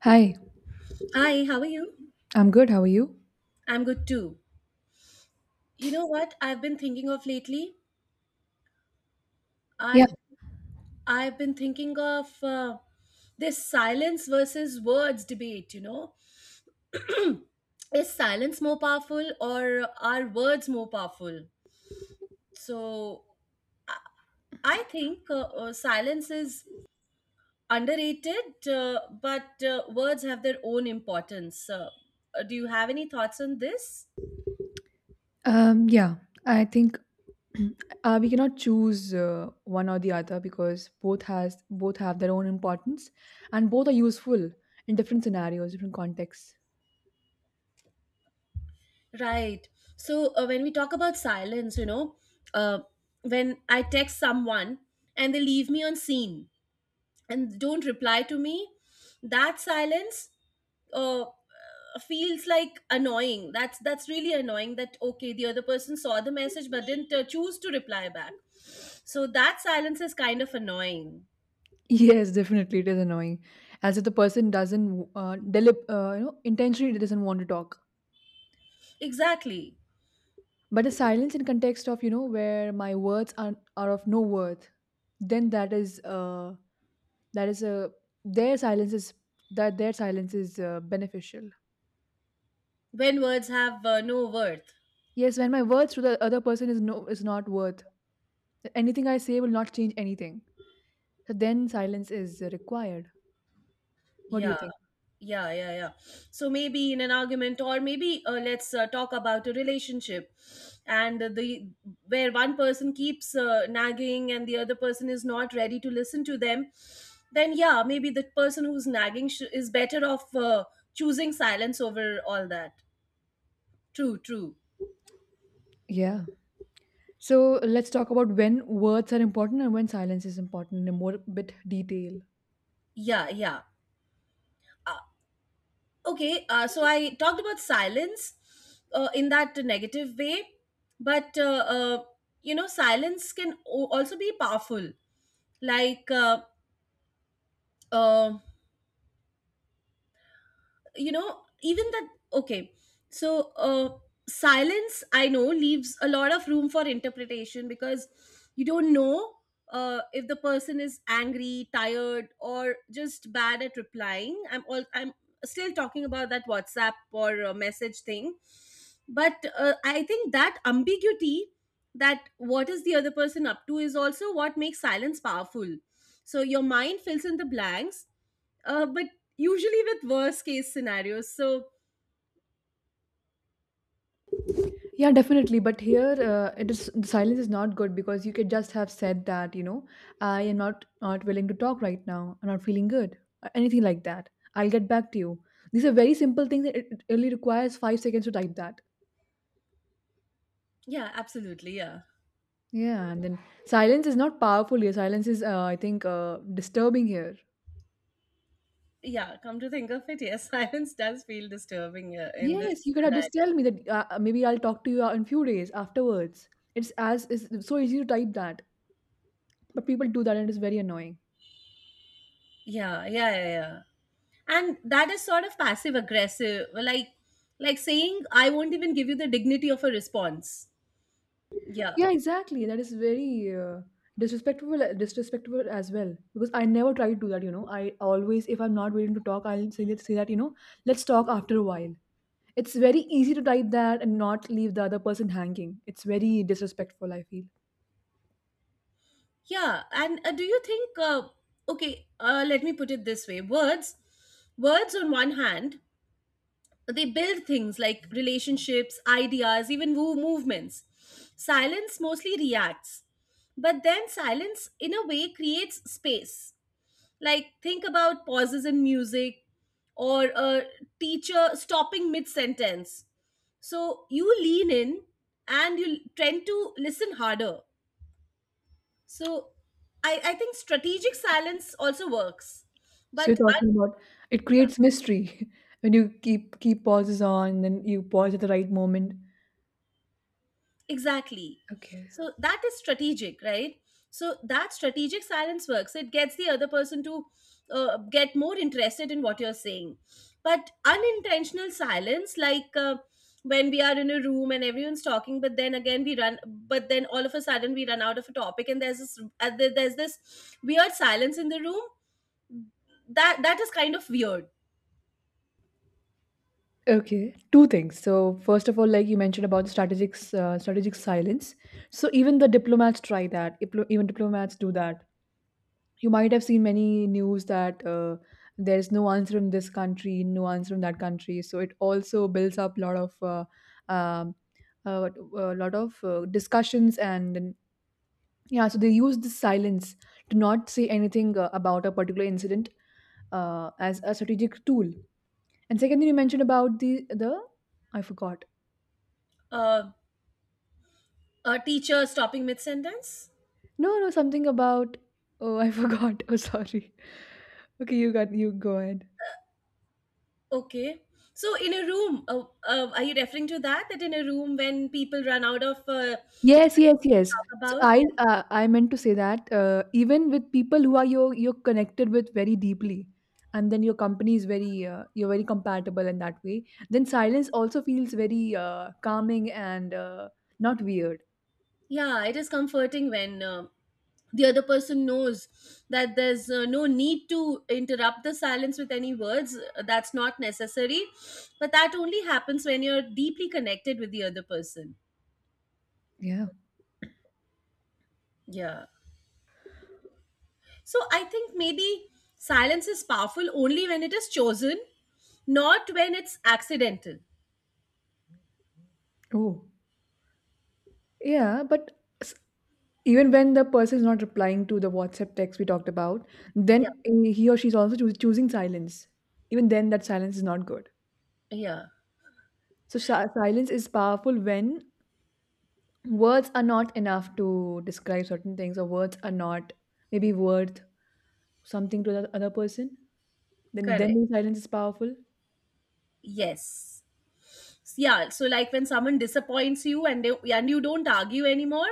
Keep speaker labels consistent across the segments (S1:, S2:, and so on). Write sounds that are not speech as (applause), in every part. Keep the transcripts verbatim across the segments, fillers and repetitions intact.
S1: Hi,
S2: Hi, how are you?
S1: I'm good. How are you?
S2: I'm good too. You know what I've been thinking of lately?
S1: Yeah.
S2: I've I've been thinking of uh, this silence versus words debate, you know? Is silence more powerful or are words more powerful? So, I think uh, uh, silence is underrated, uh, but uh, words have their own importance. So, Uh, do you have any thoughts on this?
S1: Um, yeah, I think (clears throat) uh, we cannot choose uh, one or the other because both has both have their own importance and both are useful in different scenarios, different contexts.
S2: Right. So uh, when we talk about silence, you know, uh, when I text someone and they leave me on scene and don't reply to me, that silence uh, feels like annoying. That's that's really annoying. That okay, the other person saw the message but didn't uh, choose to reply back. So that silence is kind of annoying.
S1: (laughs) Yes, definitely it is annoying, as if the person doesn't uh, delib- uh, you know intentionally doesn't want to talk.
S2: Exactly.
S1: But the silence in context of you know where my words are are of no worth, then that is uh that is a their silence is that their silence is uh, beneficial.
S2: When words have uh, no worth.
S1: Yes, when my worth to the other person is no is not worth. Anything I say will not change anything. So then silence is required. What do you
S2: Yeah.
S1: think?
S2: Yeah, yeah, yeah. So maybe in an argument, or maybe uh, let's uh, talk about a relationship, and the where one person keeps uh, nagging and the other person is not ready to listen to them, then yeah, maybe the person who's nagging sh- is better off uh, choosing silence over all that. True, true.
S1: Yeah. So let's talk about when words are important and when silence is important in a more bit detail.
S2: Yeah, yeah. Uh, okay uh, so I talked about silence uh, in that negative way but uh, uh, you know silence can o- also be powerful like uh, uh, you know even that okay so uh silence I know leaves a lot of room for interpretation because you don't know uh if the person is angry, tired, or just bad at replying. I'm all i'm still talking about that WhatsApp or uh, message thing, but uh, I think that ambiguity, that what is the other person up to, is also what makes silence powerful. So your mind fills in the blanks, uh, but usually with worst case scenarios. So,
S1: Yeah, definitely. But here, uh, it is the silence is not good because you could just have said that, you know, I am not not willing to talk right now. I'm not feeling good, or anything like that. I'll get back to you. These are very simple things. That It it only requires five seconds to type that.
S2: yeah, absolutely. Yeah.
S1: Yeah, and then silence is not powerful here. Silence is, uh, I think, uh, disturbing here.
S2: Yeah. Come to think of it, yes, (laughs) silence does feel disturbing, yeah, in
S1: Yes,
S2: this
S1: you could have just
S2: scenario.
S1: tell me that uh, uh, maybe I'll talk to you in few days afterwards. It's as it's so easy to type that, but people do that and it's very annoying.
S2: Yeah. Yeah. Yeah. Yeah. And that is sort of passive aggressive, like, like saying, I won't even give you the dignity of a response. Yeah.
S1: Yeah, exactly. That is very uh, disrespectful, uh, disrespectful as well. Because I never try to do that. You know, I always, if I'm not willing to talk, I'll say that, say that. You know, let's talk after a while. It's very easy to type that and not leave the other person hanging. It's very disrespectful, I feel.
S2: Yeah. And uh, do you think, uh, okay, uh, let me put it this way. Words, words on one hand, they build things like relationships, ideas, even woo movements. Silence mostly reacts, but then silence in a way creates space. Like think about pauses in music or a teacher stopping mid sentence. So you lean in and you tend to listen harder. So I, I think strategic silence also works.
S1: So you're
S2: But
S1: talking about it creates mystery (laughs) when you keep keep pauses on, then you pause at the right moment.
S2: Exactly.
S1: Okay.
S2: So that is strategic, right? So that strategic silence works. It gets the other person to uh, get more interested in what you're saying. But unintentional silence, like uh, when we are in a room and everyone's talking, but then again we run, but then all of a sudden we run out of a topic, and there's this, uh, there- there's this weird silence in the room. That that is kind of weird.
S1: Okay, two things. So first of all, like you mentioned about the strategic uh, strategic silence. So even the diplomats try that. Iplo- Even diplomats do that. You might have seen many news that uh, there is no answer in this country, no answer in that country. So it also builds up a lot of uh, um, uh, a lot of uh, discussions and then- yeah. So they use the silence to not say anything uh, about a particular incident uh, as a strategic tool. And secondly, you mentioned about the the I forgot.
S2: Uh, a teacher stopping mid sentence.
S1: No, no, something about oh, I (laughs) forgot. Oh, sorry. Okay, you got you go ahead.
S2: Okay. So in a room, uh, uh, are you referring to that? That in a room when people run out of uh,
S1: Yes, yes,
S2: things to
S1: yes.
S2: talk
S1: So
S2: about?
S1: I
S2: Yeah.
S1: uh, I meant to say that uh, even with people who are you you're connected with very deeply, and then your company is very uh, you're very compatible in that way. Then silence also feels very uh, calming and uh, not weird.
S2: Yeah, it is comforting when uh, the other person knows that there's uh, no need to interrupt the silence with any words. Uh, That's not necessary. But that only happens when you're deeply connected with the other person.
S1: Yeah.
S2: Yeah. So I think maybe silence is powerful only when it is chosen, not when it's accidental.
S1: Oh. Yeah, but s- even when the person is not replying to the WhatsApp text we talked about,
S2: Yeah.
S1: then eh, he or she is also choos- choosing silence. Even then, that silence is not good.
S2: Yeah.
S1: So, si- silence is powerful when words are not enough to describe certain things, or words are not maybe worth something to the other person. Then,
S2: Correct.
S1: then silence is powerful.
S2: Yes. Yeah. So like when someone disappoints you, and they, and you don't argue anymore,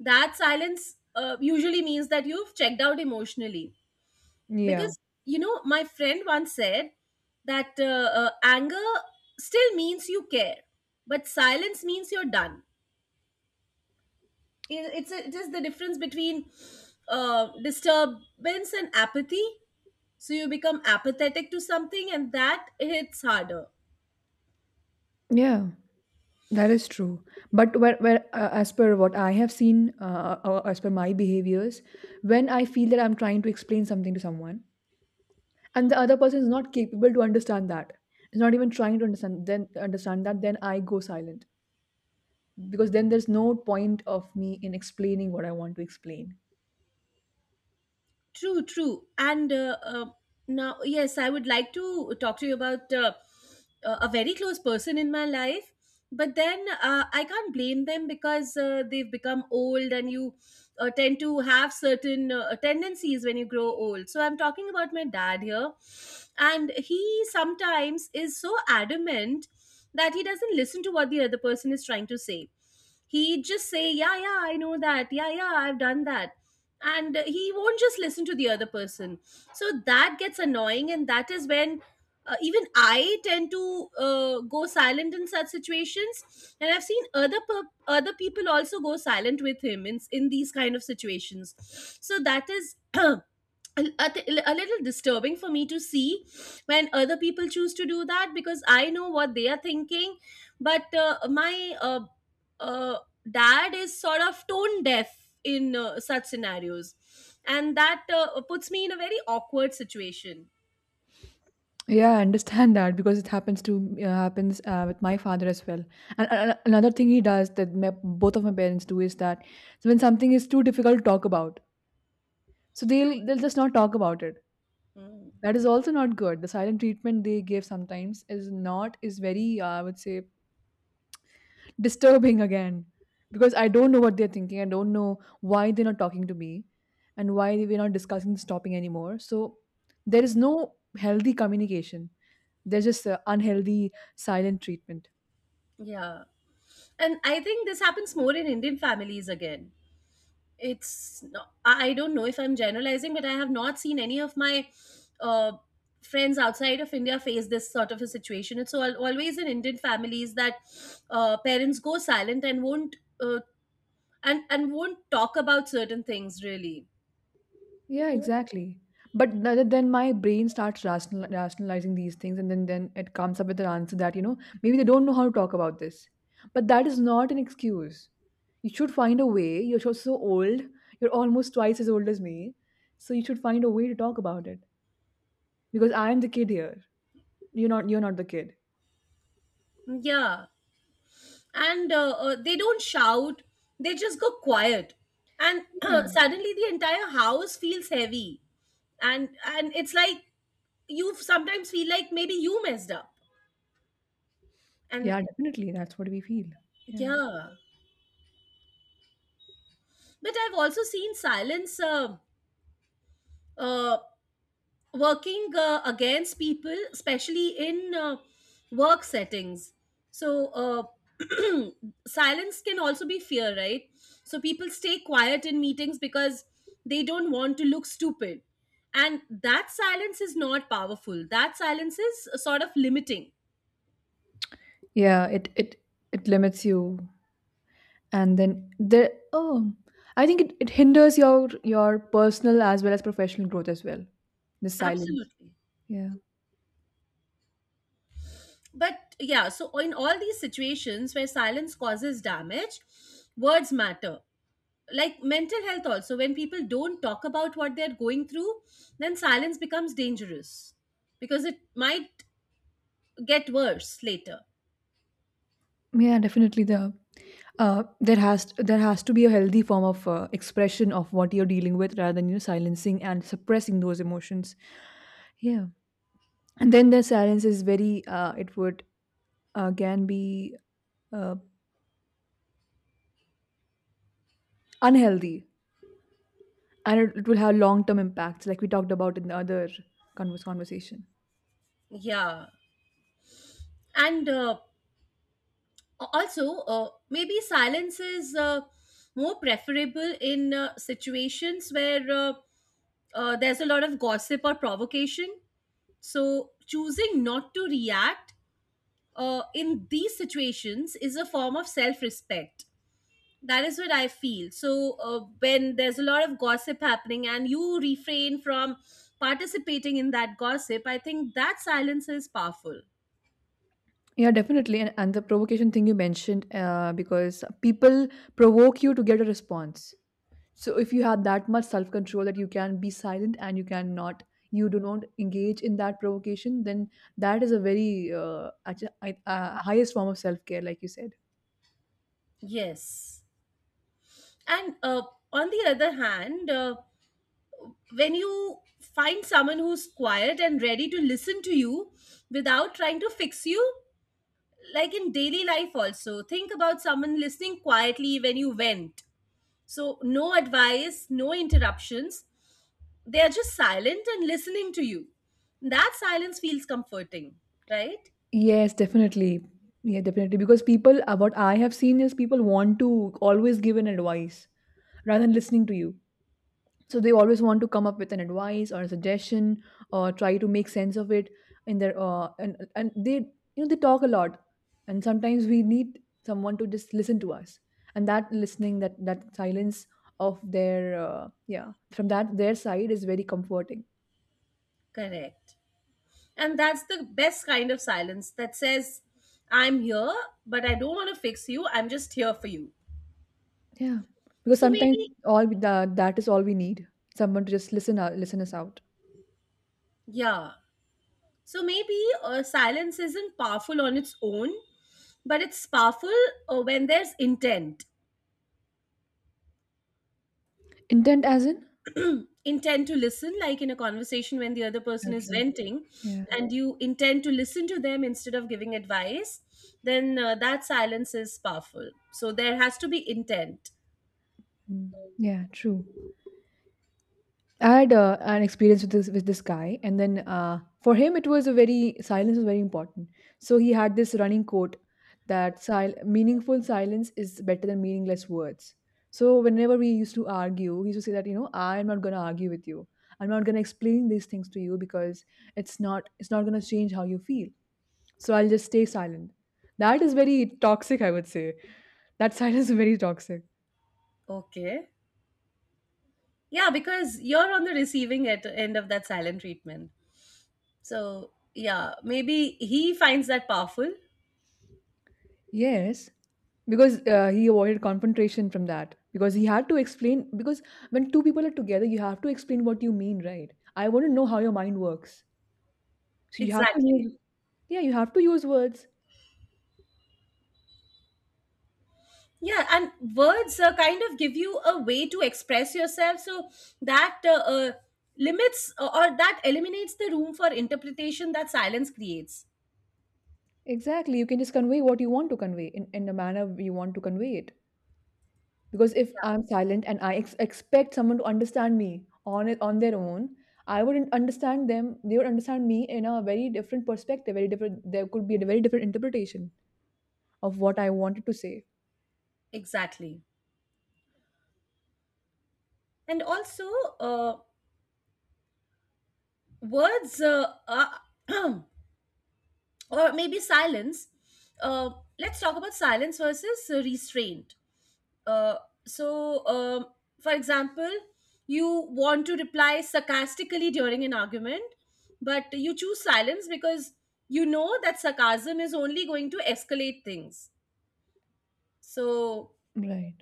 S2: that silence uh, usually means that you've checked out emotionally.
S1: Yeah.
S2: Because you know, my friend once said that uh, uh, anger still means you care, but silence means you're done. It, it's a, it is the difference between uh, disturbance and apathy. So you become apathetic to something, and that hits harder.
S1: Yeah, that is true. But where, where uh, as per what I have seen, uh, or as per my behaviors, when I feel that I'm trying to explain something to someone, and the other person is not capable to understand, that is not even trying to understand, then understand that then I go silent because then there's no point of me in explaining what I want to explain.
S2: True, true. And uh, uh, now, yes, I would like to talk to you about uh, uh, a very close person in my life. But then uh, I can't blame them because uh, they've become old and you uh, tend to have certain uh, tendencies when you grow old. So I'm talking about my dad here. And he sometimes is so adamant that he doesn't listen to what the other person is trying to say. He'd just say, "Yeah, yeah, I know that. Yeah, yeah, I've done that." And uh, he won't just listen to the other person. So that gets annoying. And that is when uh, even I tend to uh, go silent in such situations. And I've seen other per- other people also go silent with him in, in these kind of situations. So that is (clears throat) A a a little disturbing for me to see when other people choose to do that because I know what they are thinking. But uh, my uh, uh, dad is sort of tone deaf in uh, such scenarios, and that uh, puts me in a very awkward situation.
S1: Yeah, I understand that because it happens to uh, happens uh, with my father as well. And uh, another thing he does that my, both of my parents do is that when something is too difficult to talk about, so they'll they'll just not talk about it.
S2: Mm.
S1: That is also not good. The silent treatment they give sometimes is not is very uh, I would say, disturbing again, because I don't know what they're thinking. I don't know why they're not talking to me and why we're not discussing this topic anymore. So there is no healthy communication. There's just uh, unhealthy silent treatment.
S2: Yeah. And I think this happens more in Indian families again. It's no- I don't know if I'm generalizing, but I have not seen any of my uh, friends outside of India face this sort of a situation. It's all always in Indian families that uh, parents go silent and won't uh, and and won't talk about certain things really.
S1: Yeah, exactly. But th- then my brain starts rational- rationalizing these things, and then, then it comes up with an answer that, you know, maybe they don't know how to talk about this. But that is not an excuse. You should find a way. You're so, so old. You're almost twice as old as me. So you should find a way to talk about it. Because I am the kid here. You're not you're not the kid.
S2: Yeah. And uh, uh, they don't shout, they just go quiet, and
S1: Yeah.
S2: (clears throat) suddenly the entire house feels heavy, and and it's like you sometimes feel like maybe you messed up, and
S1: Yeah, definitely. That's what we feel. Yeah.
S2: Yeah, but I've also seen silence uh, uh, working uh, against people, especially in uh, work settings. So uh, (clears throat) silence can also be fear, right? So people stay quiet in meetings because they don't want to look stupid, and that silence is not powerful. That silence is sort of limiting.
S1: Yeah, it it it limits you, and then there oh I think it, it hinders your your personal as well as professional growth as well, the silence.
S2: Absolutely.
S1: Yeah.
S2: But yeah, so in all these situations where silence causes damage, words matter. Like mental health also, when people don't talk about what they're going through, then silence becomes dangerous because it might get worse later.
S1: Yeah, definitely, the uh, there has there has to be a healthy form of uh, expression of what you're dealing with, rather than you know silencing and suppressing those emotions. Yeah, and then the silence is very uh, it would again be uh, unhealthy, and it, it will have long term impacts like we talked about in the other converse conversation.
S2: Yeah. And uh, also, uh, maybe silence is uh, more preferable in uh, situations where uh, uh, there's a lot of gossip or provocation. So choosing not to react uh, in these situations is a form of self-respect. That is what I feel. So, uh, when there's a lot of gossip happening and you refrain from participating in that gossip, I think that silence is powerful.
S1: Yeah, definitely. And, and the provocation thing you mentioned, uh, because people provoke you to get a response. So if you have that much self control that you can be silent and you cannot, you do not engage in that provocation, then that is a very uh, actu- I- uh, highest form of self care, like you said.
S2: Yes. And uh, on the other hand, uh, when you find someone who's quiet and ready to listen to you without trying to fix you, like in daily life, also, think about someone listening quietly when you went. So, no advice, no interruptions, they are just silent and listening to you. That silence feels comforting, right?
S1: Yes, definitely. Yeah, definitely. Because people, uh, what I have seen is people want to always give an advice rather than listening to you. So they always want to come up with an advice or a suggestion or try to make sense of it, in their uh, and and they you know they talk a lot, and sometimes we need someone to just listen to us, and that listening that that silence of their uh, yeah, from that their side is very comforting.
S2: Correct. And that's the best kind of silence that says, I'm here, but I don't want to fix you. I'm just here for you.
S1: Yeah, because
S2: So
S1: sometimes
S2: maybe,
S1: all we, that, that is all we need, someone to just listen out, listen us out.
S2: yeah. So maybe uh, silence isn't powerful on its own, but it's powerful uh, when there's intent.
S1: Intent as in,
S2: Intend to listen, like in a conversation when the other person is
S1: okay.
S2: venting
S1: Yeah.
S2: and you intend to listen to them instead of giving advice, then uh, that silence is powerful. So there has to be intent.
S1: Mm. Yeah, true. I had uh, an experience with this with this guy, and then uh, for him, it was a very silence was very important. So he had this running quote that sil- meaningful silence is better than meaningless words. So whenever we used to argue, he used to say that you know I am not going to argue with you. I'm not going to explain these things to you because it's not it's not going to change how you feel. So I'll just stay silent. That is very toxic, I would say. That (laughs) silence is very toxic.
S2: Okay. Yeah, because you're on the receiving at end of that silent treatment, so yeah, maybe he finds that powerful.
S1: Yes, because uh, he avoided confrontation from that. Because he had to explain, because when two people are together, you have to explain what you mean, right? I want to know how your mind works. So you have to
S2: Exactly.
S1: use, yeah, you have to use words.
S2: Yeah, and words uh, kind of give you a way to express yourself, so that uh, uh, limits, or or that eliminates the room for interpretation that silence creates.
S1: Exactly. You can just convey what you want to convey in, in the manner you want to convey it. Because if I'm silent and I ex expect someone to understand me on it on their own, I wouldn't understand them. They would understand me in a very different perspective, very different. There could be a very different interpretation of what I wanted to say.
S2: Exactly. And also, uh, words uh, are- (clears throat) or maybe silence, uh, let's talk about silence versus uh, restraint. Uh, so, um, for example, you want to reply sarcastically during an argument, but you choose silence because you know that sarcasm is only going to escalate things. So,
S1: Right.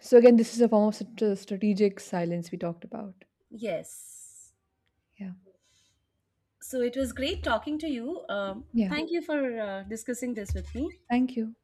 S1: So again, this is a form of strat- strategic silence we talked about.
S2: yes.
S1: Yeah.
S2: So, it was great talking to you. Um,
S1: Yeah.
S2: thank you for uh, discussing this with me.
S1: Thank you.